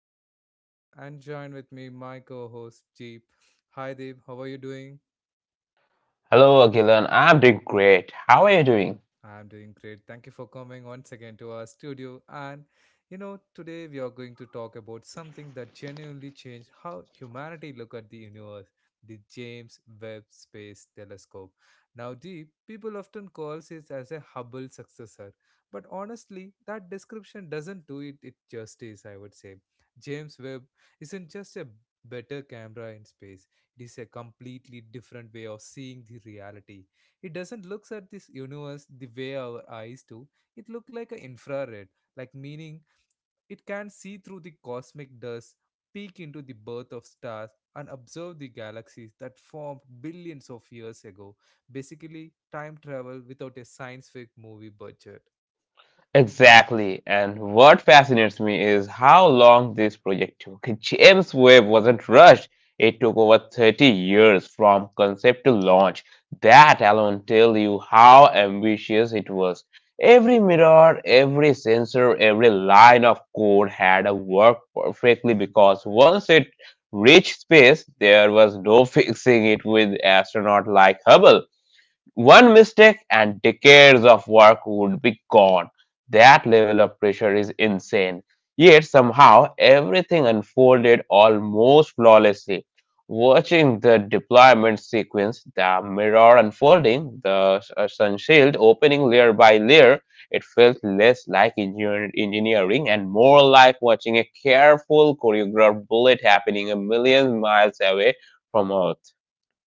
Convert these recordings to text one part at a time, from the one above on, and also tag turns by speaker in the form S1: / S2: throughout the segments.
S1: your host Agilan and join with me my co-host Jeep. Hi Deep, how are you doing?
S2: Hello, Akilan. I'm doing great. How are you doing?
S1: I'm doing great. Thank you for coming once again to our studio. And today we are going to talk about something that genuinely changed how humanity look at the universe, the James Webb Space Telescope. Now, Deep, people often calls it as a Hubble successor, but honestly, that description doesn't do it justice, I would say. James Webb isn't just a better camera in space. It is a completely different way of seeing the reality. It doesn't look at this universe the way our eyes do. It look like an infrared, like meaning it can see through the cosmic dust, peek into the birth of stars, and observe the galaxies that formed billions of years ago. Basically time travel without a science fiction movie budget.
S2: Exactly. And what fascinates me is how long this project took. James Webb wasn't rushed. It took over 30 years from concept to launch. That alone tell you how ambitious it was. Every mirror, every sensor, every line of code had to work perfectly because once it reached space, there was no fixing it with astronaut like Hubble. One mistake and decades of work would be gone. That level of pressure is insane. Yet somehow everything unfolded almost flawlessly. Watching the deployment sequence, the mirror unfolding, the sun shield opening layer by layer, it felt less like engineering and more like watching a careful choreographed bullet happening a million miles away from us.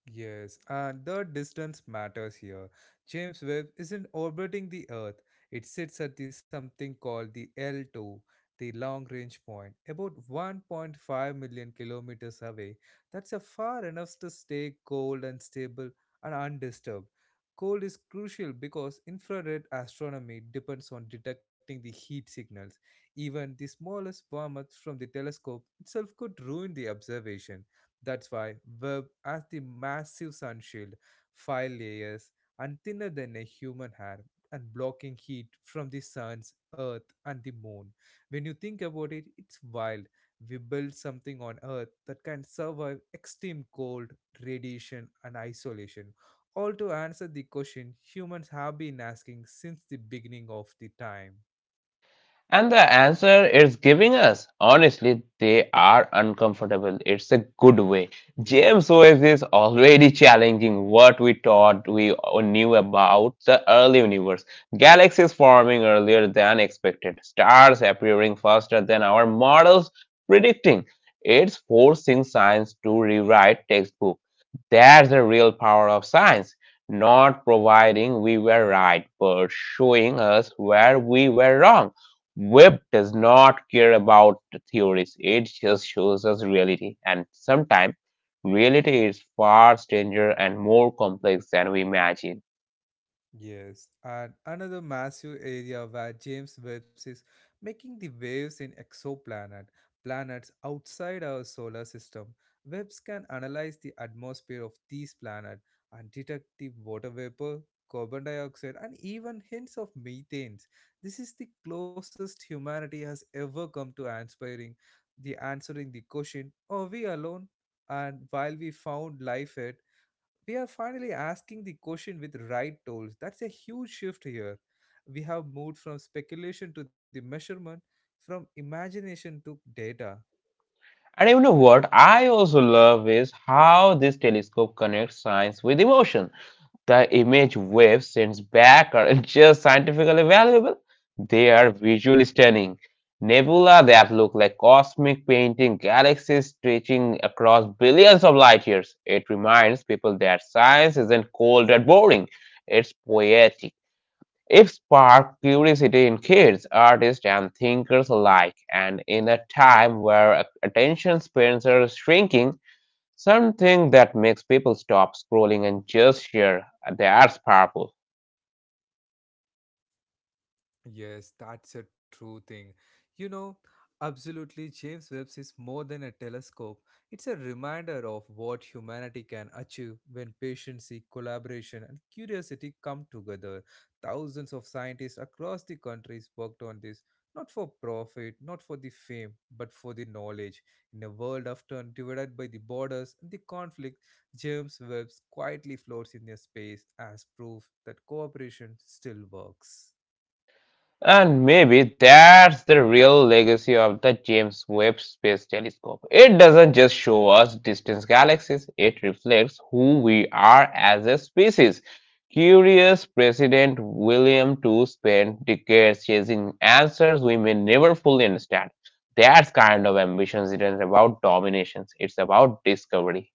S1: Yes, and the distance matters here. James Webb isn't orbiting the Earth. It sits at the something called the L2, the long range point, about 1.5 million kilometers away. That's a far enough to stay cold and stable and undisturbed. Cold is crucial because infrared astronomy depends on detecting the heat signals. Even the smallest warmth from the telescope itself could ruin the observation. That's why web has the massive sunshield, five layers, and thinner than a human hair, and blocking heat from the sun's earth and the moon. When you think about it, it's wild. We built something on earth that can survive extreme cold, radiation, and isolation. All to answer the question humans have been asking since the beginning of the time.
S2: And the answer is giving us. Honestly, they are uncomfortable. It's a good way.
S1: Yeah.
S2: James Joyce is already challenging what we thought we knew about the early universe. Galaxies forming earlier than expected, stars appearing faster than our models predicting. It's forcing science to rewrite textbook. That's the real power of science. Not providing we were right, but showing us where we were wrong. Webb does not care about the theories, it just shows us reality, and sometimes reality is far stranger and more complex than we imagine.
S1: Yes, and another massive area where James Webb is making the waves in exoplanet planets outside our solar system. Webbs can analyze the atmosphere of these planets and detect the water vapor, carbon dioxide, and even hints of methane. This is the closest humanity has ever come to answering the question: are we alone? And while we found life, here we are finally asking the question with right tools. That's a huge shift here. We have moved from speculation to the measurement, from imagination to data.
S2: And you know what I also love is how this telescope connects science with emotion. The image Wave sends back aren't just scientifically valuable, they are visually stunning. Nebula that look like cosmic painting, galaxies stretching across billions of light years. It reminds people that science isn't cold and boring, it's poetic. It sparked curiosity in kids, artists, and thinkers alike. And in a time where attention spans are shrinking, something that makes people stop scrolling and just share. That's powerful.
S1: Yes, that's a true thing. You know, absolutely, James Webb is more than a telescope. It's a reminder of what humanity can achieve when patience, collaboration, and curiosity come together. Thousands of scientists across the countries worked on this, not for profit, not for the fame, but for the knowledge. In a world often divided by the borders and the conflict, James Webb quietly floats in their space as proof that cooperation still works.
S2: And maybe that's the real legacy of the James Webb Space Telescope. It doesn't just show us distant galaxies, it reflects who we are as a species. Curious President William II spent decades chasing answers we may never fully understand. That kind of ambition isn't about dominations, it's about discovery.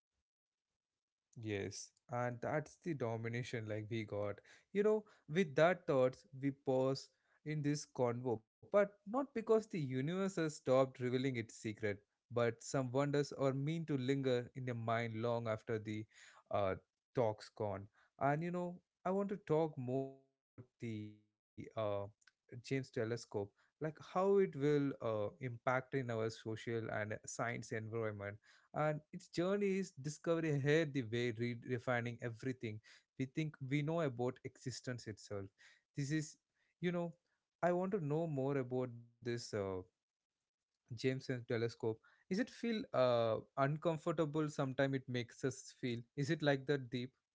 S1: Yes, and that's the domination like we got. You know, with that thoughts, we pause in this convo, but not because the universe has stopped revealing its secret, but some wonders are mean to linger in the mind long after the uh, talk's gone. And you know, I want to talk more about the James telescope, like how it will impact in our social and science environment and its journey is discovery here the way redefining everything we think we know about existence itself. This is, you know, I want to know more about this James Webb telescope. Is it feel uncomfortable sometime it makes us feel, is it like that, Deep?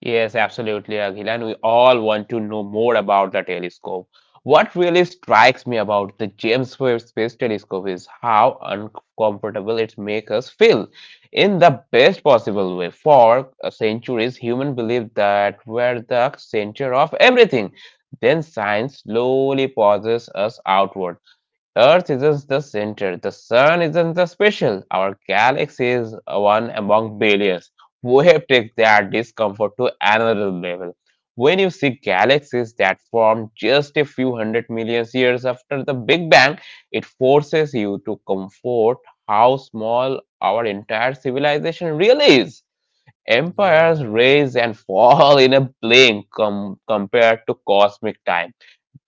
S2: Yes, absolutely, Akhil. And we all want to know more about the telescope. What really strikes me about the James Webb Space Telescope is how uncomfortable it makes us feel in the best possible way. For centuries, humans believed that we're the center of everything. Then science slowly pauses us outward. Earth isn't the center, the sun isn't the special. Our galaxy is one among billions. Wave takes that discomfort to another level. When you see galaxies that formed just a few 100 million years after the Big Bang, it forces you to comfort how small our entire civilization really is.
S1: Yeah.
S2: Empires rise and fall in a blink compared to cosmic time.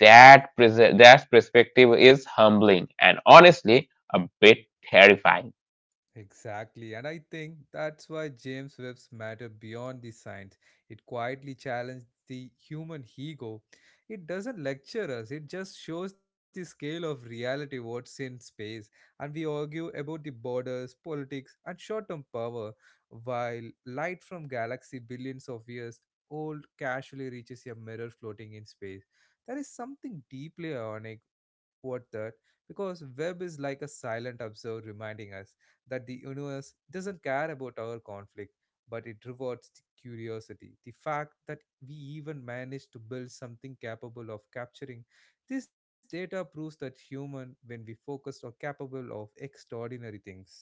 S2: That perspective is humbling and honestly a bit terrifying.
S1: Exactly, and I think that's why James Webb's matter beyond the science. It quietly challenges the human ego. It doesn't lecture us, it just shows the scale of reality, what's in space. And we argue about the borders, politics, and short term power, while light from galaxy billions of years old casually reaches a mirror floating in space. There is something deeply ironic, what that, because Webb is like a silent observer reminding us that the universe doesn't care about our conflict, but it rewards the curiosity. The fact that we even managed to build something capable of capturing this data proves that human, when we focus, are capable of extraordinary things.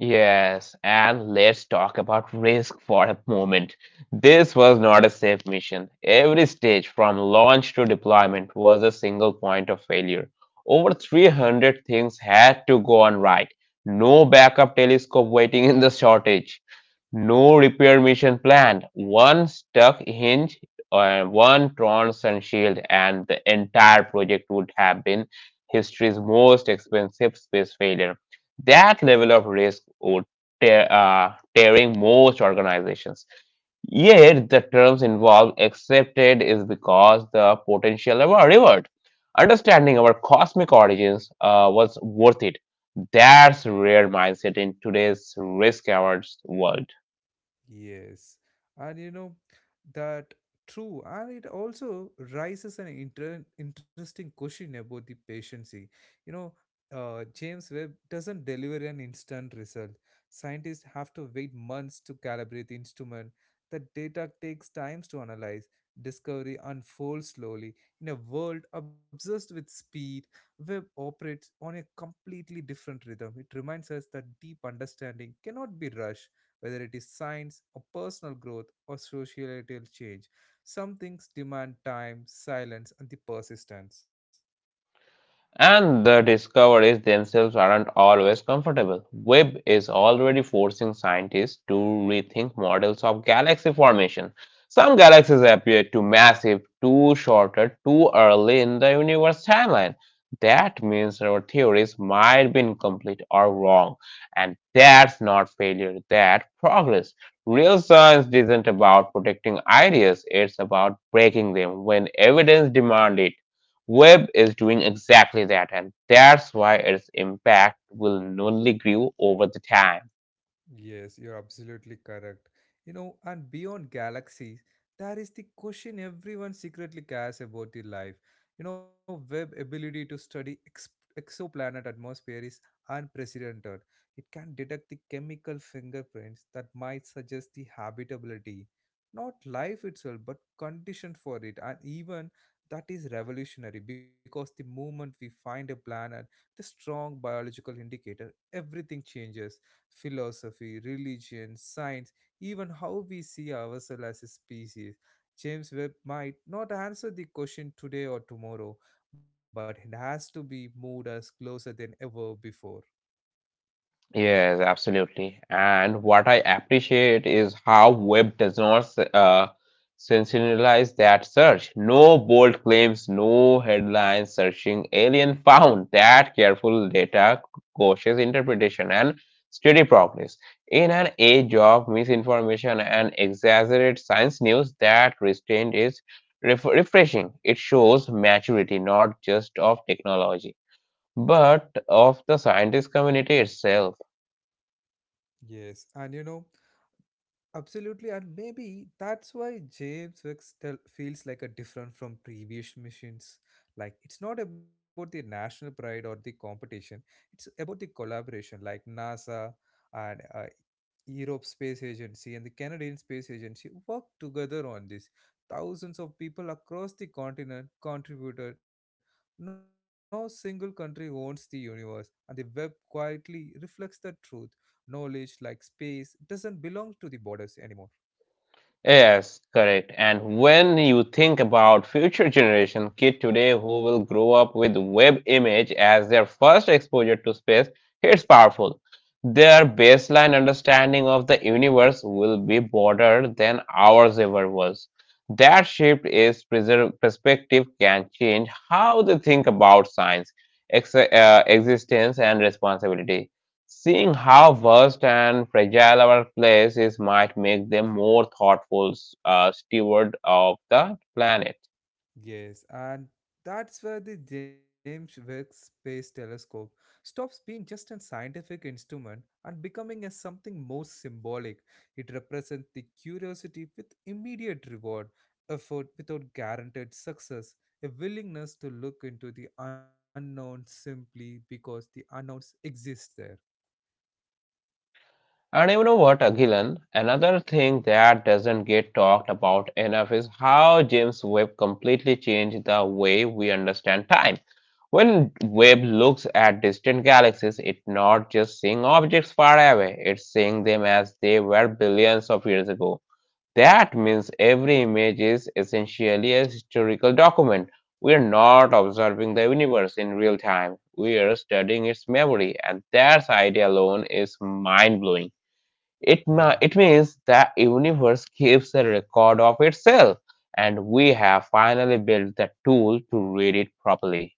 S2: Yes, and let's talk about risk for a moment. This was not a safe mission. Every stage from launch to deployment was a single point of failure. Over 300 things had to go on right. No backup telescope waiting in the shortage. No repair mission planned. One stuck hinge, one torn sun shield, and the entire project would have been history's most expensive space failure. That level of risk would tearing most organizations. Yet the terms involved accepted is because the potential of our reward. Understanding our cosmic origins was worth it. That's rare mindset in today's risk averse world.
S1: Yes, and you know that true, and it also raises an interesting question about the patiency. You know, James Webb doesn't deliver an instant result. Scientists have to wait months to calibrate the instrument. The data takes times to analyze. Discovery unfolds slowly. In a world obsessed with speed, Webb operates on a completely different rhythm. It reminds us that deep understanding cannot be rushed whether it is science or personal growth or societal change. Some things demand time, silence, and the persistence.
S2: And the discoveries themselves aren't always comfortable. Webb is already forcing scientists to rethink models of galaxy formation. Some galaxies appear too massive, too shorter, too early in the universe timeline. That means our theories might be incomplete or wrong. And that's not failure, that's progress. Real science isn't about protecting ideas, it's about breaking them when evidence demands it. Web is doing exactly that, and that's why its impact will only grow over the time.
S1: Yes, you're absolutely correct. You know, and beyond galaxies, there is the question everyone secretly cares about the life. You know, web ability to study exoplanet atmosphere is unprecedented. It can detect the chemical fingerprints that might suggest the habitability, not life itself, but conditions for it, and even that is revolutionary because the moment we find a planet with a strong biological indicator, everything changes philosophy, religion, science, even how we see ourselves as a species. James Webb might not answer the question today or tomorrow, but it has to be moved us closer than ever before.
S2: Yes, absolutely. And what I appreciate is how web does not sensationalize that search. No bold claims, no headlines searching alien found. That careful data, cautious interpretation, and steady progress. In an age of misinformation and exaggerated science news, that restraint is refreshing. It shows maturity, not just of technology, but of the scientist community itself.
S1: Yes, and absolutely, and maybe that's why James Webb still feels like a different from previous missions. Like it's not about the national pride or the competition; it's about the collaboration. Like NASA and Europe Space Agency and the Canadian Space Agency worked together on this. Thousands of people across the continent contributed. No single country owns the universe, and the web quietly reflects the truth. Knowledge, like space, doesn't belong to the borders anymore.
S2: Yes, correct. And when you think about future generation kid today who will grow up with web image as their first exposure to space, it's powerful. Their baseline understanding of the universe will be broader than ours ever was. That shift is perspective can change how they think about science, existence, and responsibility. Seeing how vast and fragile our place is might make them more thoughtful steward of the planet.
S1: Yes, and that's where the James Webb Space Telescope stops being just a scientific instrument and becoming a something more symbolic. It represents the curiosity with immediate reward, effort without guaranteed success, a willingness to look into the unknown simply because the unknowns exist there.
S2: And you know what, Agilan? Another thing that doesn't get talked about enough is how James Webb completely changed the way we understand time.
S1: Yeah.
S2: When Webb looks at distant galaxies, it's not just seeing objects far away, it's seeing them as they were billions of years ago. That means every image is essentially a historical document. We are not observing the universe in real time. We are studying its memory, and that idea alone is mind blowing. It,
S1: Yeah.
S2: ma- it means the universe keeps a record of itself, and we have finally built the tool to read it properly.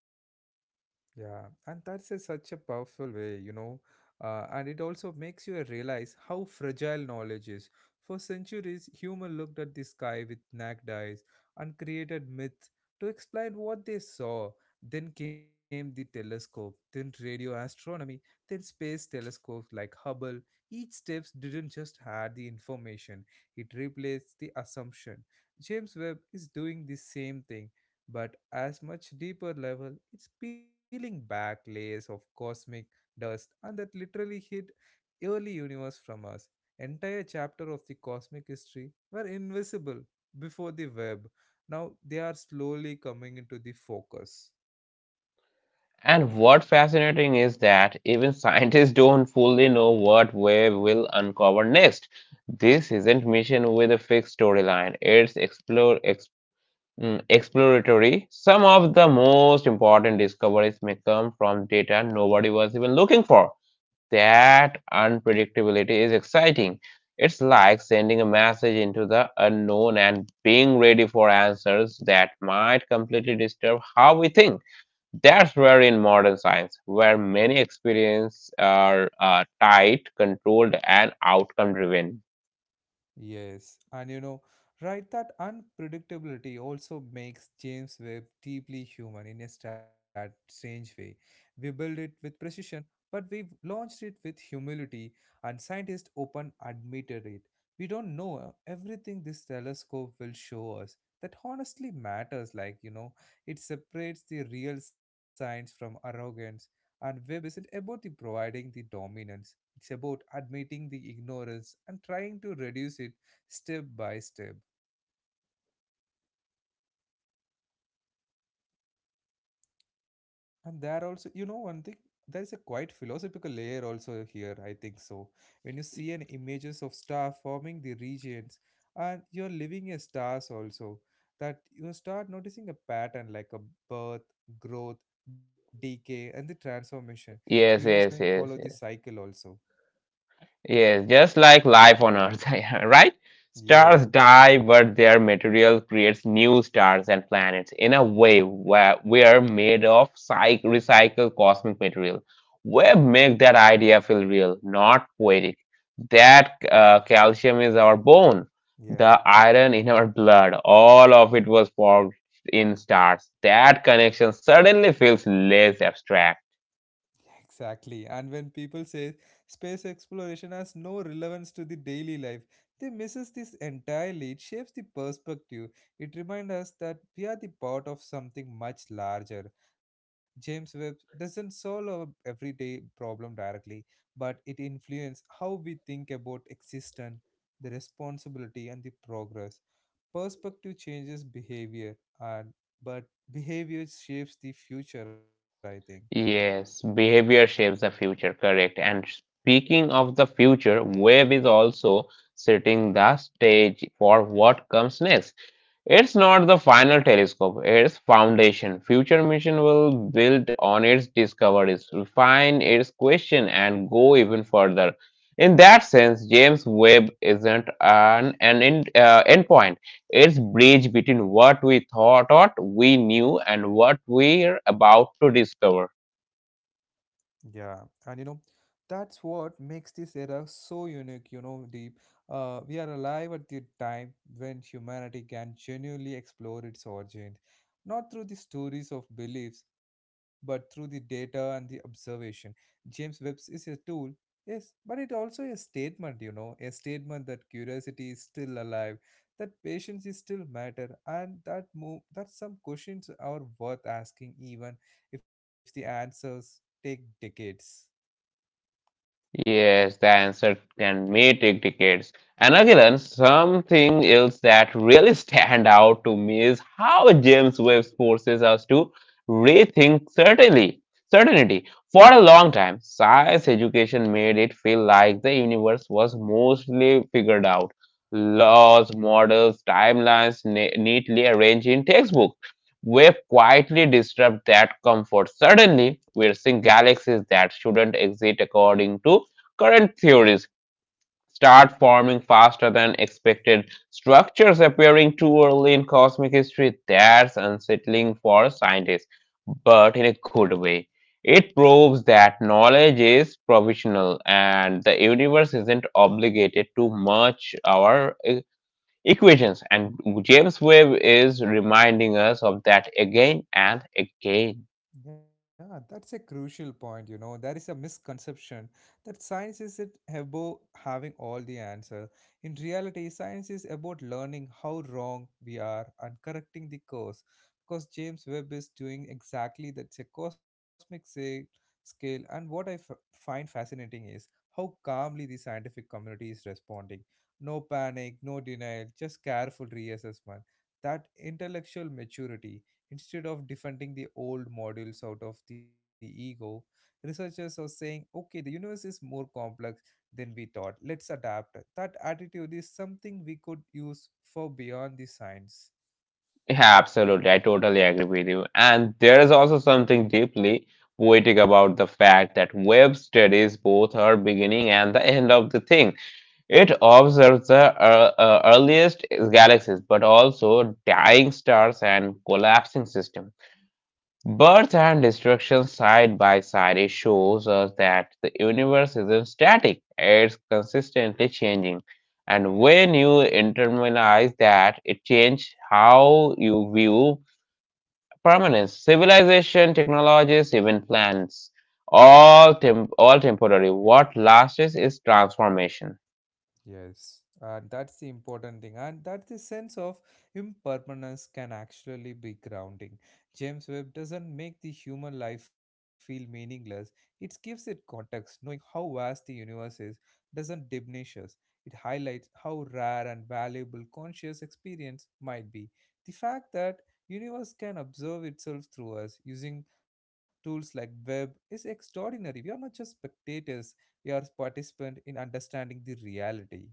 S1: Yeah, and that's a, such a powerful way, you know, and it also makes you realize how fragile knowledge is. For centuries, humans looked at the sky with naked eyes and created myths to explain what they saw. Then came the telescope, then radio astronomy, then space telescopes like Hubble. Each step didn't just add the information, it replaced the assumption. James Webb is doing the same thing but as much deeper level, it's peeling back layers of cosmic dust and that literally hid early universe from us. Entire chapter of the cosmic history were invisible before the web. Now they are slowly coming into the focus.
S2: And what fascinating is that even scientists don't fully know what we will uncover next. This isn't mission with a fixed storyline. It's exploratory. Some of the most important discoveries may come from data nobody was even looking for. That unpredictability is exciting. It's like sending a message into the unknown and being ready for answers that might completely disturb how we think. That's where in modern science, where many experiments are tight, controlled, and outcome driven.
S1: Yes, and you know, right, that unpredictability also makes James Webb deeply human in a strange way. We build it with precision, but we've launched it with humility, and scientists open admitted it. We don't know everything this telescope will show us. That honestly matters, like, you know, it separates the real science from arrogance, and Webb isn't about the providing the dominance. It's about admitting the ignorance and trying to reduce it step by step. And there also, you know, one thing, there is a quite philosophical layer also here, I think so. When you see an images of star forming the regions and you're living as stars also, that you start noticing a pattern like a birth, growth, decay, and the transformation. The universe
S2: Yes,
S1: will
S2: yes,
S1: follow
S2: yes,
S1: this
S2: yes.
S1: cycle also.
S2: Yes, just like life on Earth, right?
S1: Yeah,
S2: Stars die, but their material creates new stars and planets in a way where we are made of psych recycled cosmic material. Web make that idea feel real, not poetic. That calcium is our bone,
S1: yeah.
S2: the iron in our blood, all of it was formed in stars. That connection suddenly feels less abstract.
S1: Exactly. And when people say space exploration has no relevance to the daily life, they misses this entirely. It shapes the perspective. It reminds us that we are the part of something much larger. James Webb doesn't solve our everyday problem directly, but it influences how we think about existence, the responsibility and the progress. Perspective changes behavior and but behavior shapes the future, I think.
S2: Yes, behavior shapes the future, correct. And speaking of the future, Web is also setting the stage for what comes next. It's not the final telescope, it's foundation. Future mission will build on its discoveries, refine its question, and go even further. In that sense, James Webb isn't an endpoint. It's bridge between what thought we knew and what we're about to discover.
S1: Yeah, and you know, that's what makes this era so unique, you know, Deep. We are alive at the time when humanity can genuinely explore its origin, not through the stories of beliefs, but through the data and the observation. James Webb's is a tool, yes, but it also a statement, you know, a statement that curiosity is still alive, that patience is still matter, and that move that some questions are worth asking even if the answers take decades.
S2: Yes, the answer can may take decades. And again, something else that really stand out to me is how James Webb forces us to rethink certainly certainty. For a long time, science education made it feel like the universe was mostly figured out.
S1: Yeah.
S2: Laws, models, timelines neatly arranged in textbooks. Wave quietly disrupt that comfort. Suddenly, we're seeing galaxies that shouldn't exist according to current theories start forming faster than expected. Structures appearing too early in cosmic history. That's unsettling for scientists, but in a good way. It proves that knowledge is provisional and the universe isn't obligated to match our equations. And James Webb is reminding us of that again and again.
S1: Yeah, that's a crucial point. You know, there is a misconception that science is it about having all the answer. In reality, science is about learning how wrong we are and correcting the course. Because James Webb is doing exactly that. It's a cosmic scale. And what I find fascinating is how calmly the scientific community is responding. No panic, no denial, just careful reassessment. That intellectual maturity. Instead of defending the old models out of the ego, researchers are saying, okay, the universe is more complex than we thought. Let's adapt. That attitude is something we could use for beyond the science.
S2: Yeah, absolutely. I totally agree with you. And there is also something deeply poetic about the fact that Webb studies both her beginning and the end of the thing. It observes the earliest galaxies, but also dying stars and collapsing systems. Birth and destruction side by side it shows us that the universe isn't static, it's consistently changing. And when you internalize that, it changes how you view permanence. Civilization, technologies, even plants, all temporary. What lasts is transformation.
S1: Yes, and that's the important thing, and that the sense of impermanence can actually be grounding. James Webb doesn't make the human life feel meaningless, it gives it context. Knowing how vast the universe is doesn't diminish us, it highlights how rare and valuable conscious experience might be. The fact that universe can observe itself through us using tools like web is extraordinary. We are not just spectators your participant in understanding the reality.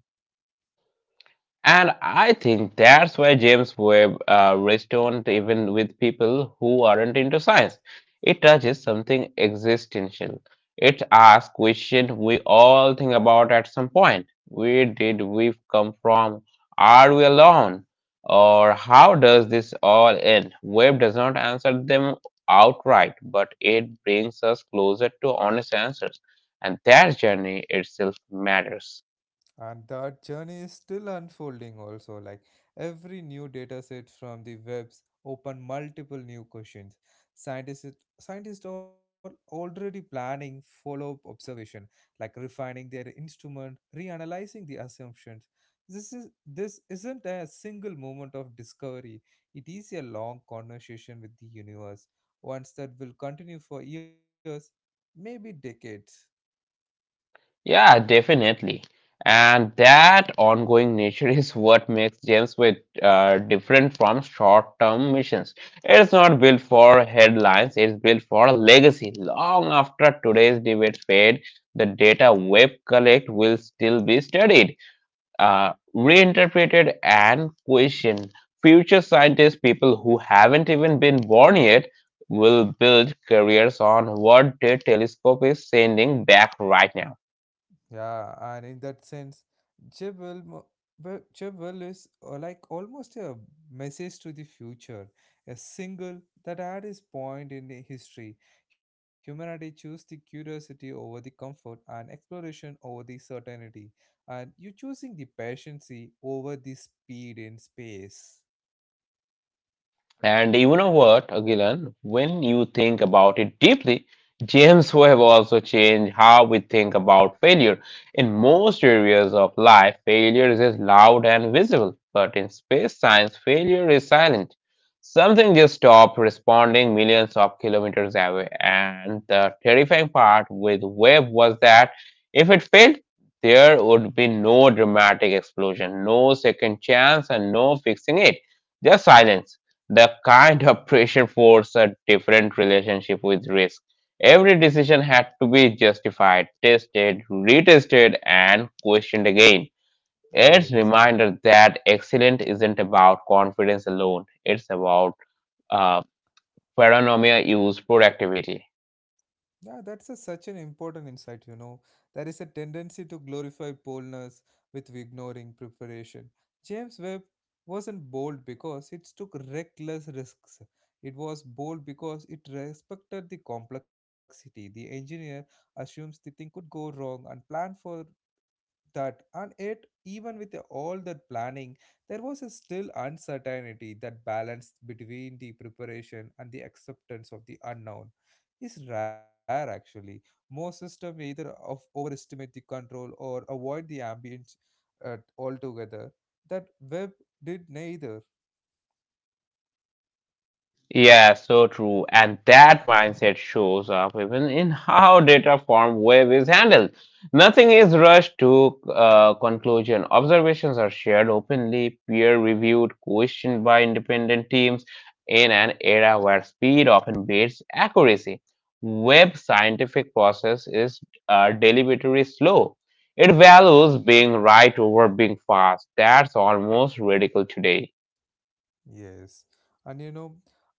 S2: And I think that's why James Webb resonates even with people who aren't into science. It touches something existential. It asks questions we all think about at some point. Where did we come from? Are we alone? Or how does this all end? Webb does not answer them outright, but it brings us closer to honest answers. And that journey itself matters.
S1: And that journey is still unfolding also like every new data set from the webs open multiple new questions. Scientists scientists are already planning follow-up observation like refining their instrument, reanalyzing the assumptions. This isn't a single moment of discovery. It is a long conversation with the universe, ones that will continue for years, maybe decades.
S2: Yeah, definitely. And that ongoing nature is what makes James with different from short-term missions. It's not built for headlines, it's built for a legacy. Long after today's debate fade, the data web collect will still be studied, reinterpreted and questioned. Future scientists, people who haven't even been born yet, will build careers on what their telescope is sending back right now.
S1: Yeah, and in that sense, Jebel, mo- Jebel is like almost a message to the future, a single that at its point in the history, humanity chose the curiosity over the comfort and exploration over the certainty, and you choosing the patience over the speed in space.
S2: And you know what, Agilan, when you think about it deeply, James Webb also changed how we think about failure. In most areas of life, failure is loud and visible, but in space science, failure is silent. Something just stopped responding millions of kilometers away. And the terrifying part with Webb was that if it failed, there would be no dramatic explosion, no second chance, and no fixing it, just silence. The kind of pressure forced a different relationship with risk. Every decision had to be justified, tested, retested, and questioned again. It's
S1: Yes.
S2: reminder that excellence isn't about confidence alone. It's about uh, paranoia use productivity.
S1: Yeah, that's a, such an important insight, you know. There is a tendency to glorify boldness with ignoring preparation. James Webb wasn't bold because it took reckless risks. It was bold because it respected the complexity. The engineer assumes the thing could go wrong and planned for that, and yet even with all that planning there was a still uncertainty. That balance between the preparation and the acceptance of the unknown is rare actually. Most systems either of overestimate the control or avoid the ambience altogether. That web did neither.
S2: Yeah, so true. And that mindset shows up even in how data from wave is handled. Nothing is rushed to conclusion. Observations are shared openly, peer reviewed, questioned by independent teams in an era where speed often beats accuracy. Web scientific process is deliberately slow. It values being right over being fast. That's almost radical today.
S1: Yes, and you know,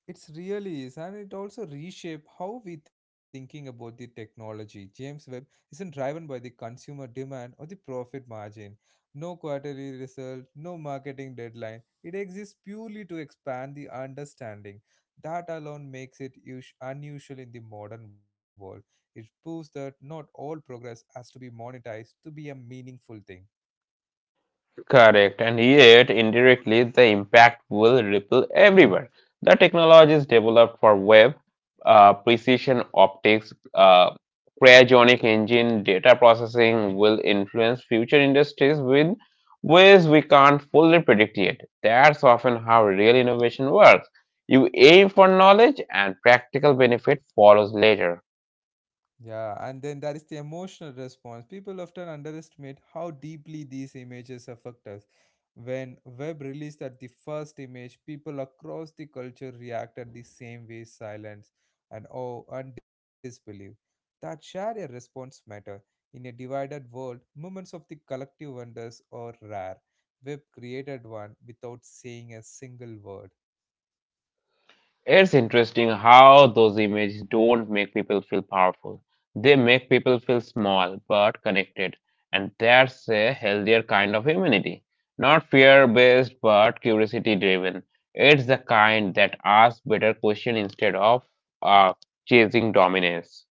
S1: it's really is, and it also reshape how we thinking about the technology. James Webb isn't driven by the consumer demand or the profit margin. No quarterly result, no marketing deadline. It exists purely to expand the understanding. That alone makes it unusual in the modern world. It proves that not all progress has to be monetized to be a meaningful thing.
S2: Correct, and yet indirectly the impact will ripple everywhere. The technology is developed for web, precision optics, cryogenic engine, data processing will influence future industries with ways we can't fully predict yet. That's often how real innovation works. You aim for knowledge, and practical benefit follows later.
S1: Yeah, and then there is the emotional response. People often underestimate how deeply these images affect us. When Webb released that the first image, people across the culture reacted the same way, silence and awe and disbelief. That shared a response matter. In a divided world, moments of the collective wonders are rare. Webb created one without saying a single word.
S2: It's interesting how those images don't make people feel powerful. They make people feel small but connected. And that's a healthier kind of immunity. Not fear based but curiosity driven. It's the kind that asks better questions instead of uh, chasing dominance.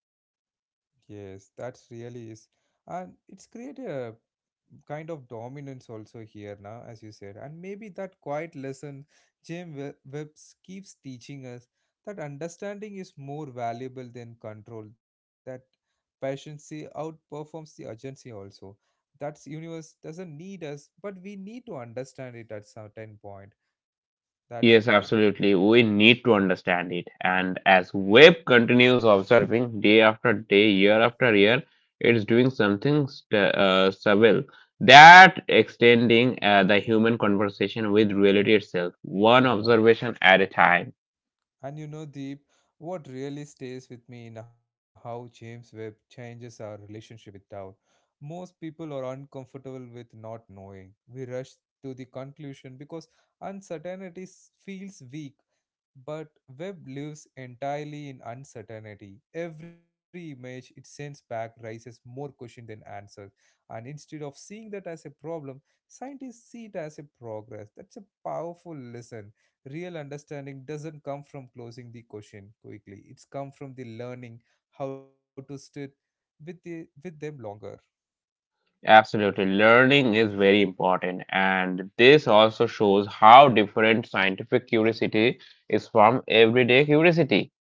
S1: Yes, that really is. And it's create a kind of dominance also here now, as you said. And maybe that quiet lesson Webbs keeps teaching us, that understanding is more valuable than control, that patience outperforms the urgency also. That's universe doesn't need us, but we need to understand it at certain point. That's
S2: Yes,
S1: the thing.
S2: absolutely. We need to understand it. And as web continues observing day after day, year after year, it's doing something subtle that extending the human conversation with reality itself, one
S1: Yeah.
S2: observation at a time.
S1: And you know, Deep, what really stays with me in how James Webb changes our relationship with doubt. Most people are uncomfortable with not knowing. We rush to the conclusion because uncertainty feels weak. But Webb lives entirely in uncertainty. Every image it sends back raises more questions than answers. And instead of seeing that as a problem, scientists see it as a progress. That's a powerful lesson, real understanding doesn't come from closing the question quickly, it's come from the learning how to sit with them longer.
S2: Absolutely. Learning is very important. And this also shows how different scientific curiosity is from everyday curiosity.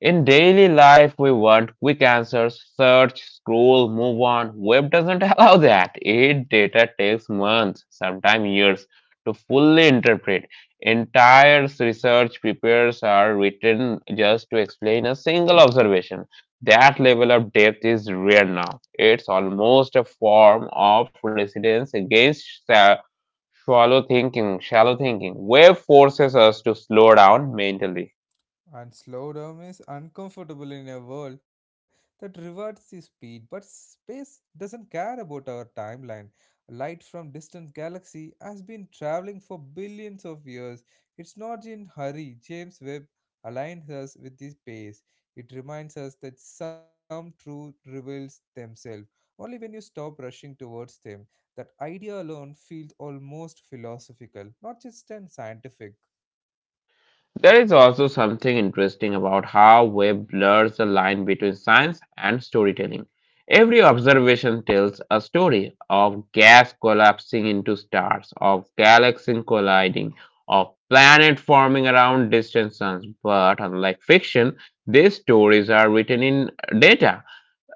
S2: In daily life, we want quick answers, search, scroll, move on. Web doesn't allow that. It data takes months, sometimes years, to fully interpret. Entire research papers are written just to explain a single observation. That level of depth is rare now. It's almost a form of resistance against shallow thinking. Shallow thinking. Web forces us to slow down mentally.
S1: And slowdown is uncomfortable in a world that rewards the speed, but space doesn't care about our timeline. Light from distant galaxy has been traveling for billions of years. It's not in hurry. James Webb aligns us with this pace. It reminds us that some truth reveals themselves only when you stop rushing towards them. That idea alone feels almost philosophical, not just an scientific.
S2: There is also something interesting about how Webb blurs the line between science and storytelling. Every observation tells a story of gas collapsing into stars, of galaxies colliding, of planet forming around distant suns. But unlike fiction, these stories are written in data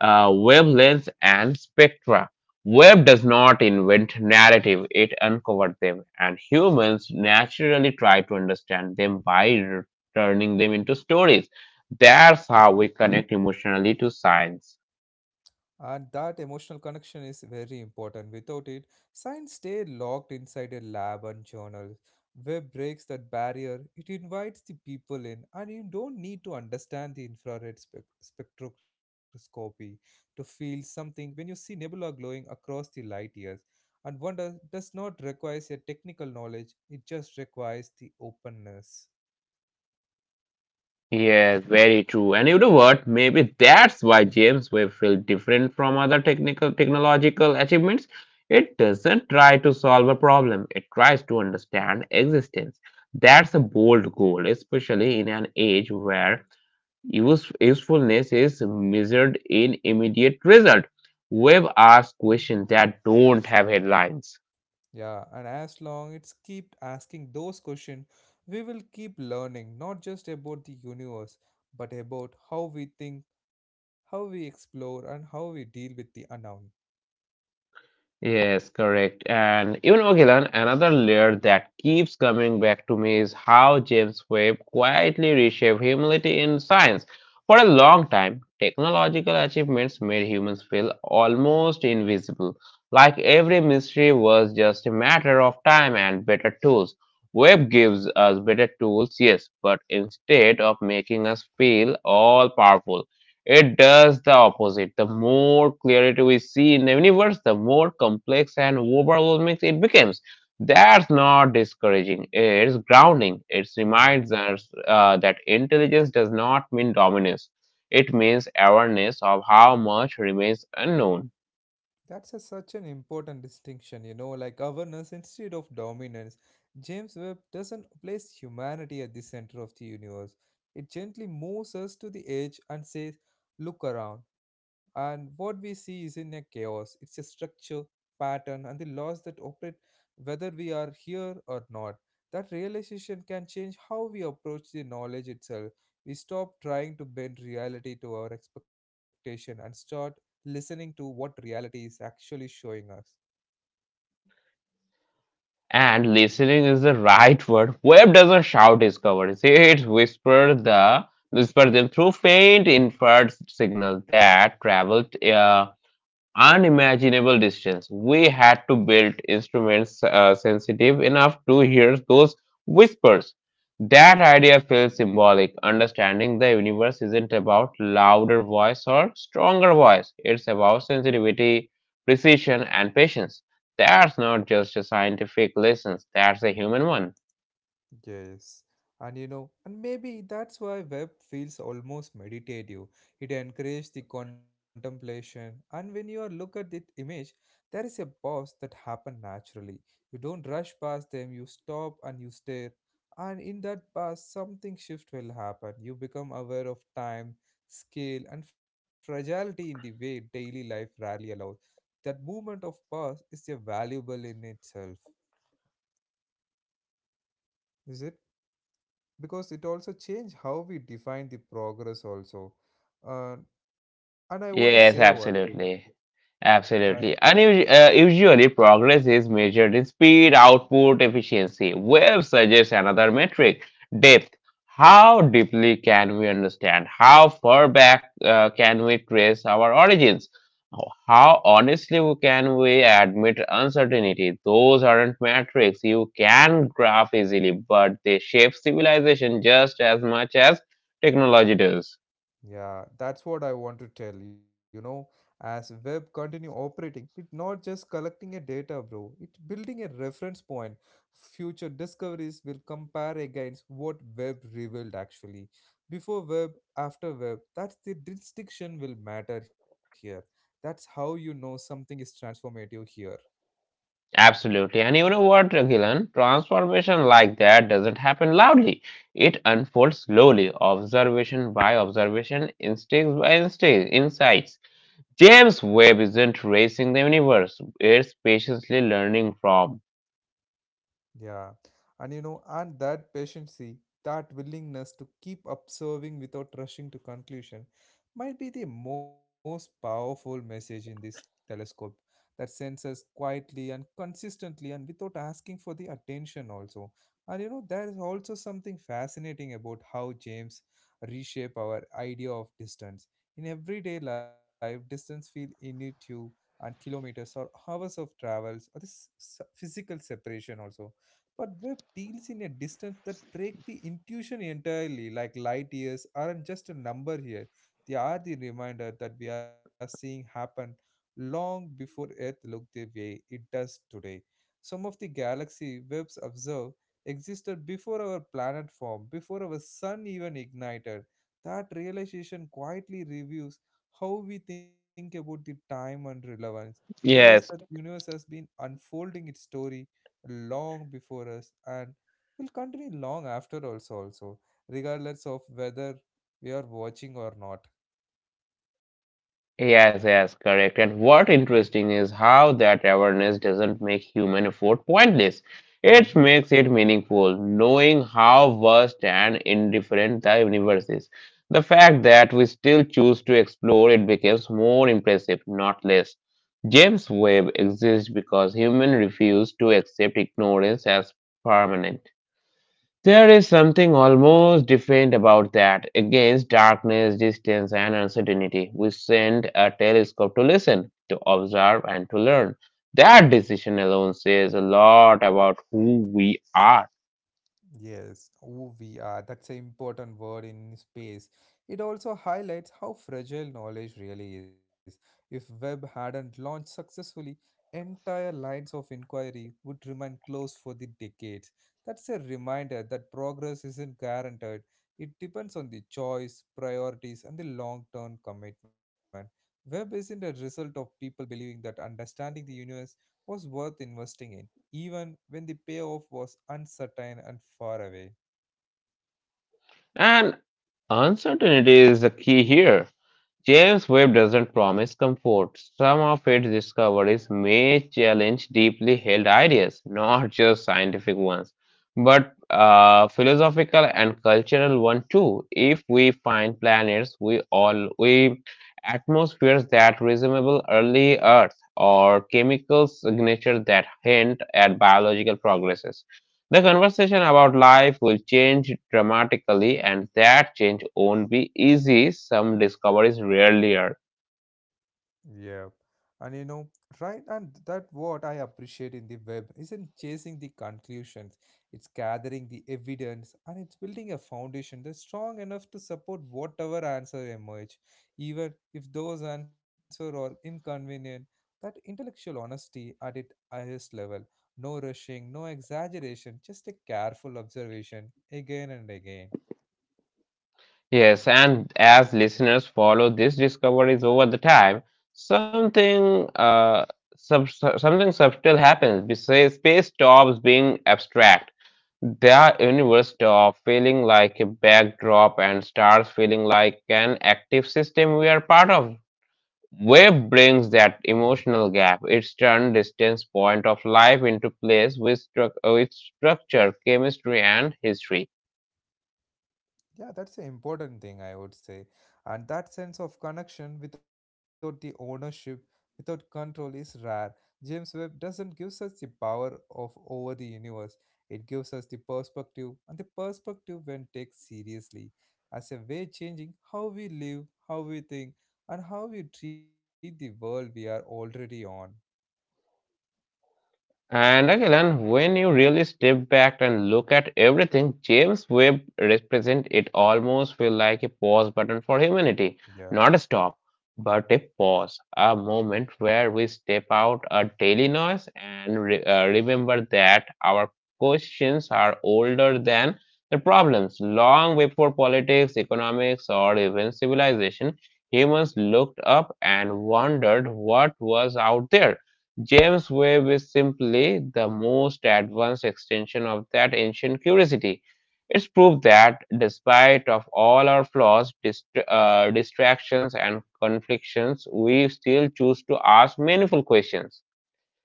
S2: wavelengths and spectra. Web does not invent narrative, it uncovered them, and humans naturally try to understand them by turning them into stories. That's how we connect emotionally to science.
S1: And that emotional connection is very important. Without it, science stay locked inside a lab and journal. Web breaks that barrier, it invites the people in, and you don't need to understand the infrared spectroscopy to feel something when you see nebula glowing across the light years. And wonder does not require a technical knowledge, it just requires the openness.
S2: Yes, very true. And you know what? Maybe that's why James Webb feels different from other technical technological achievements. It doesn't try to solve a problem, it tries to understand existence. That's a bold goal, especially in an age where usefulness is measured in immediate result. Webb asks questions that don't have headlines.
S1: Yeah, and as long it's keep asking those questions, we will keep learning not just about the universe, but about how we think, how we explore, and how we deal with the unknown.
S2: Yes, correct. And even know, Gilan, another layer that keeps coming back to me is how James Webb quietly reshaped humility in science. For a long time, technological achievements made humans feel almost invisible, like every mystery was just a matter of time and better tools. Webb gives us better tools, yes, but instead of making us feel all powerful. It does the opposite. The more clarity we see in the universe, the more complex and overwhelming it becomes. That's not discouraging. It's grounding. It
S1: Yeah.
S2: reminds us that intelligence does not mean dominance. It means awareness of how much remains unknown.
S1: That's a, such an important distinction, you know, like awareness instead of dominance. James Webb doesn't place humanity at the center of the universe. It gently moves us to the edge and says, look around. And what we see is in a chaos. It's a structure, pattern, and the laws that operate whether we are here or not. That realization can change how we approach the knowledge itself. We stop trying to bend reality to our expectation and start listening to what reality is actually showing us.
S2: And listening is the right word. Web doesn't shout discoveries. It whisper them through faint inferred signals that traveled unimaginable distance. We had to build instruments sensitive enough to hear those whispers. That idea feels symbolic. Understanding the universe isn't about louder voice or stronger voice. It's about sensitivity, precision, and patience. That's not just a scientific lesson. That's a human one.
S1: Yes, and you know, and maybe that's why web feels almost meditative. It encourages the contemplation, and when you are look at the image, there is a pause that happen naturally. You don't rush past them. You stop and you stare, and in that pause, something shift will happen. You become aware of time, scale, and fragility in the way daily life rarely allows. That moment of pause is a valuable in itself, is it? Because it also changed how we define the progress also, uh, and I want to say
S2: Yes,
S1: one thing.
S2: absolutely.
S1: uh,
S2: Absolutely. And usually, progress is measured in speed, output, efficiency. Web suggests another metric depth. How deeply can we understand? How far back can we trace our origins? How can we admit uncertainty? Those aren't metrics you can graph easily, but they shape civilization just as much as technology does.
S1: yeah, that's what I want to tell, you know, as web continue operating it not just collecting a data bro, it building a reference point. Future discoveries will compare against what web revealed actually. Before web, after web, that's the distinction will matter here. That's how you know something is transformative here.
S2: Absolutely. And you know what, Gilan? Transformation like that doesn't happen loudly. It unfolds slowly, observation by observation, instincts by instincts, insights. James Webb isn't racing the universe, it's patiently learning from.
S1: Yeah, and you know, and that patiency, that willingness to keep observing without rushing to conclusion, might be the most powerful message in this telescope, that sends us quietly and consistently and without asking for the attention also. And you know, there is also something fascinating about how James reshape our idea of distance. In everyday life, distance feel intuitive and kilometers or hours of travels or this physical separation also, but web deals in a distance that break the intuition entirely, like light years aren't just a number here. They are the reminder that we are seeing happen long before Earth looked the way it does today. Some of the galaxy webs observe existed before our planet formed, before our sun even ignited. That realization quietly reviews how we think about the time and relevance. It tells us that
S2: Yes.
S1: universe has been unfolding its story long before us and will continue long after also, regardless of whether we are watching or not.
S2: Yes, correct. And what interesting is how that awareness doesn't make human effort pointless.
S1: Mhm.
S2: It makes it meaningful, knowing how vast and indifferent the universe is. The fact that we still choose to explore it becomes more impressive, not less. James Webb exists because humans refuse to accept ignorance as permanent. There is something almost different about that. Against darkness, distance, and uncertainty, we send a telescope to listen, to observe, and to learn. That decision alone says a lot about who we are.
S1: Yes, OVR, that's an important word in space. It also highlights how fragile knowledge really is. If Webb hadn't launched successfully, entire lines of inquiry would remain closed for the decades. That's a reminder that progress isn't guaranteed. It depends on the choice, priorities, and the long term commitment. Webb isn't a result of people believing that understanding the universe was worth investing in even when the payoff was uncertain and far away.
S2: And uncertainty is the key here. James Webb doesn't promise comfort. Some of its discoveries may challenge deeply held ideas, not just scientific ones, but philosophical and cultural ones too. If we find planets, we atmospheres that resemble early Earth or chemical signatures that hint at biological progresses. The conversation about life will change dramatically, and that change won't be easy. Some discoveries rarely are.
S1: Yeah. And you know, right, and that what I appreciate in the web isn't chasing the conclusions, it's gathering the evidence and it's building a foundation that's strong enough to support whatever answer emerge, even if those answers are inconvenient. That intellectual honesty at its highest level, no rushing, no exaggeration, just a careful observation again and again.
S2: Yes, and as listeners follow these discoveries over the time, something something subtle happens. Besides, space stops being abstract. The universe stops feeling like a backdrop and starts feeling like an active system we are part of. Web brings that emotional gap. It's turned distance point of life into place with structure, chemistry, and history.
S1: Yeah, that's an important thing, I would say. And that sense of connection without the ownership, without control, is rare. James Webb doesn't give us the power of over the universe. It gives us the perspective, and the perspective when taken seriously, as a way changing how we live, how we think, and how we treat the world we are already on.
S2: And again, when you really step back and look at everything, James Webb represents it almost feel like a pause button for humanity.
S1: Yeah.
S2: Not a stop, but a pause, a moment where we step out our daily noise and remember that our questions are older than the problems. Long before politics, economics, or even civilization, humans looked up and wondered what was out there. James Webb is simply the most advanced extension of that ancient curiosity. It's proof that, despite of all our flaws, distractions, and conflictions, we still choose to ask meaningful questions.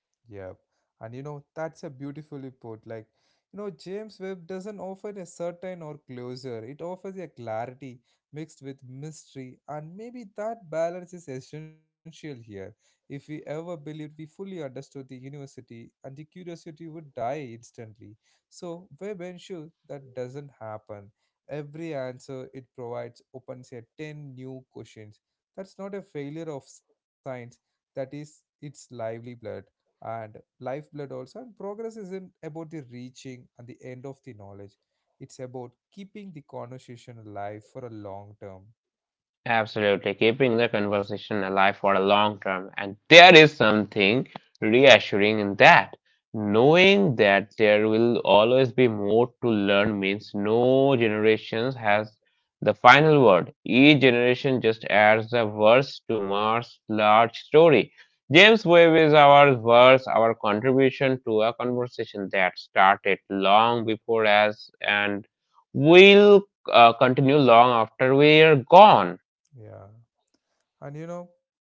S1: Yep. And you know, that's a beautifully put. Like, you know, James Webb doesn't offer a certain or closure. It offers a clarity mixed with mystery, and maybe that balance is essential here. If we ever believed we fully understood the university, and the curiosity would die instantly. So Webb ensures that doesn't happen. Every answer it provides opens a ten new questions. That's not a failure of science, that is its lively blood and lifeblood also. And progress isn't about the reaching and the end of the knowledge, it's about keeping the conversation alive for a long term.
S2: Absolutely, keeping the conversation alive for a long term. And there is something reassuring in that. Knowing that there will always be more to learn means no generation has the final word. Each generation just adds a verse to Mars' large story. James Webb is our verse, our contribution to a conversation that started long before us and will continue long after we're gone.
S1: Yeah, and you know,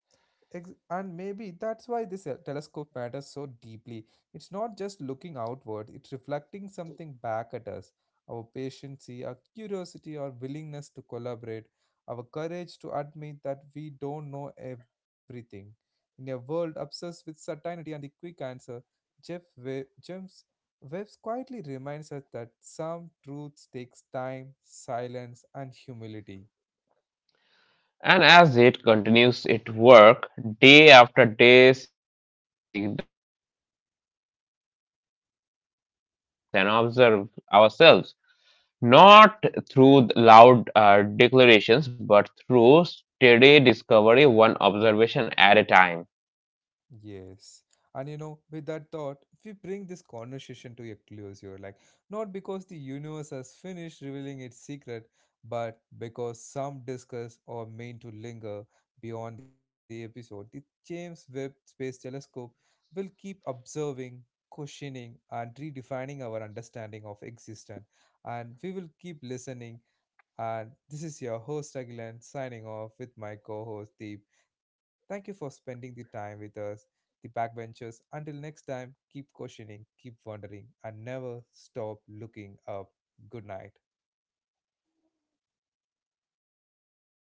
S1: and maybe that's why this telescope matters so deeply. It's not just looking outward, it's reflecting something back at us, our patience, our curiosity, our willingness to collaborate, our courage to admit that we don't know everything. In a world obsessed with certainty and the quick answer, james Webbs quietly reminds us that some truths takes time, silence, and humility.
S2: And as it continues its work, day after day, signal after signal, it will keep reshaping how we see the universe and observe ourselves. Not through loud declarations, but through steady discovery, one observation at a time.
S1: Yes. And you know, with that thought, we bring this conversation to a close here. Like, not because the universe has finished revealing its secret, but because some discuss or mean to linger beyond the episode. The James Webb Space Telescope will keep observing, questioning, and redefining our understanding of existence. And we will keep listening, and this is your host Agilan signing off with my co host Deep. Thank you for spending the time with us, the backbenchers. Until next time, keep questioning, keep wondering, and never stop looking up. Good night.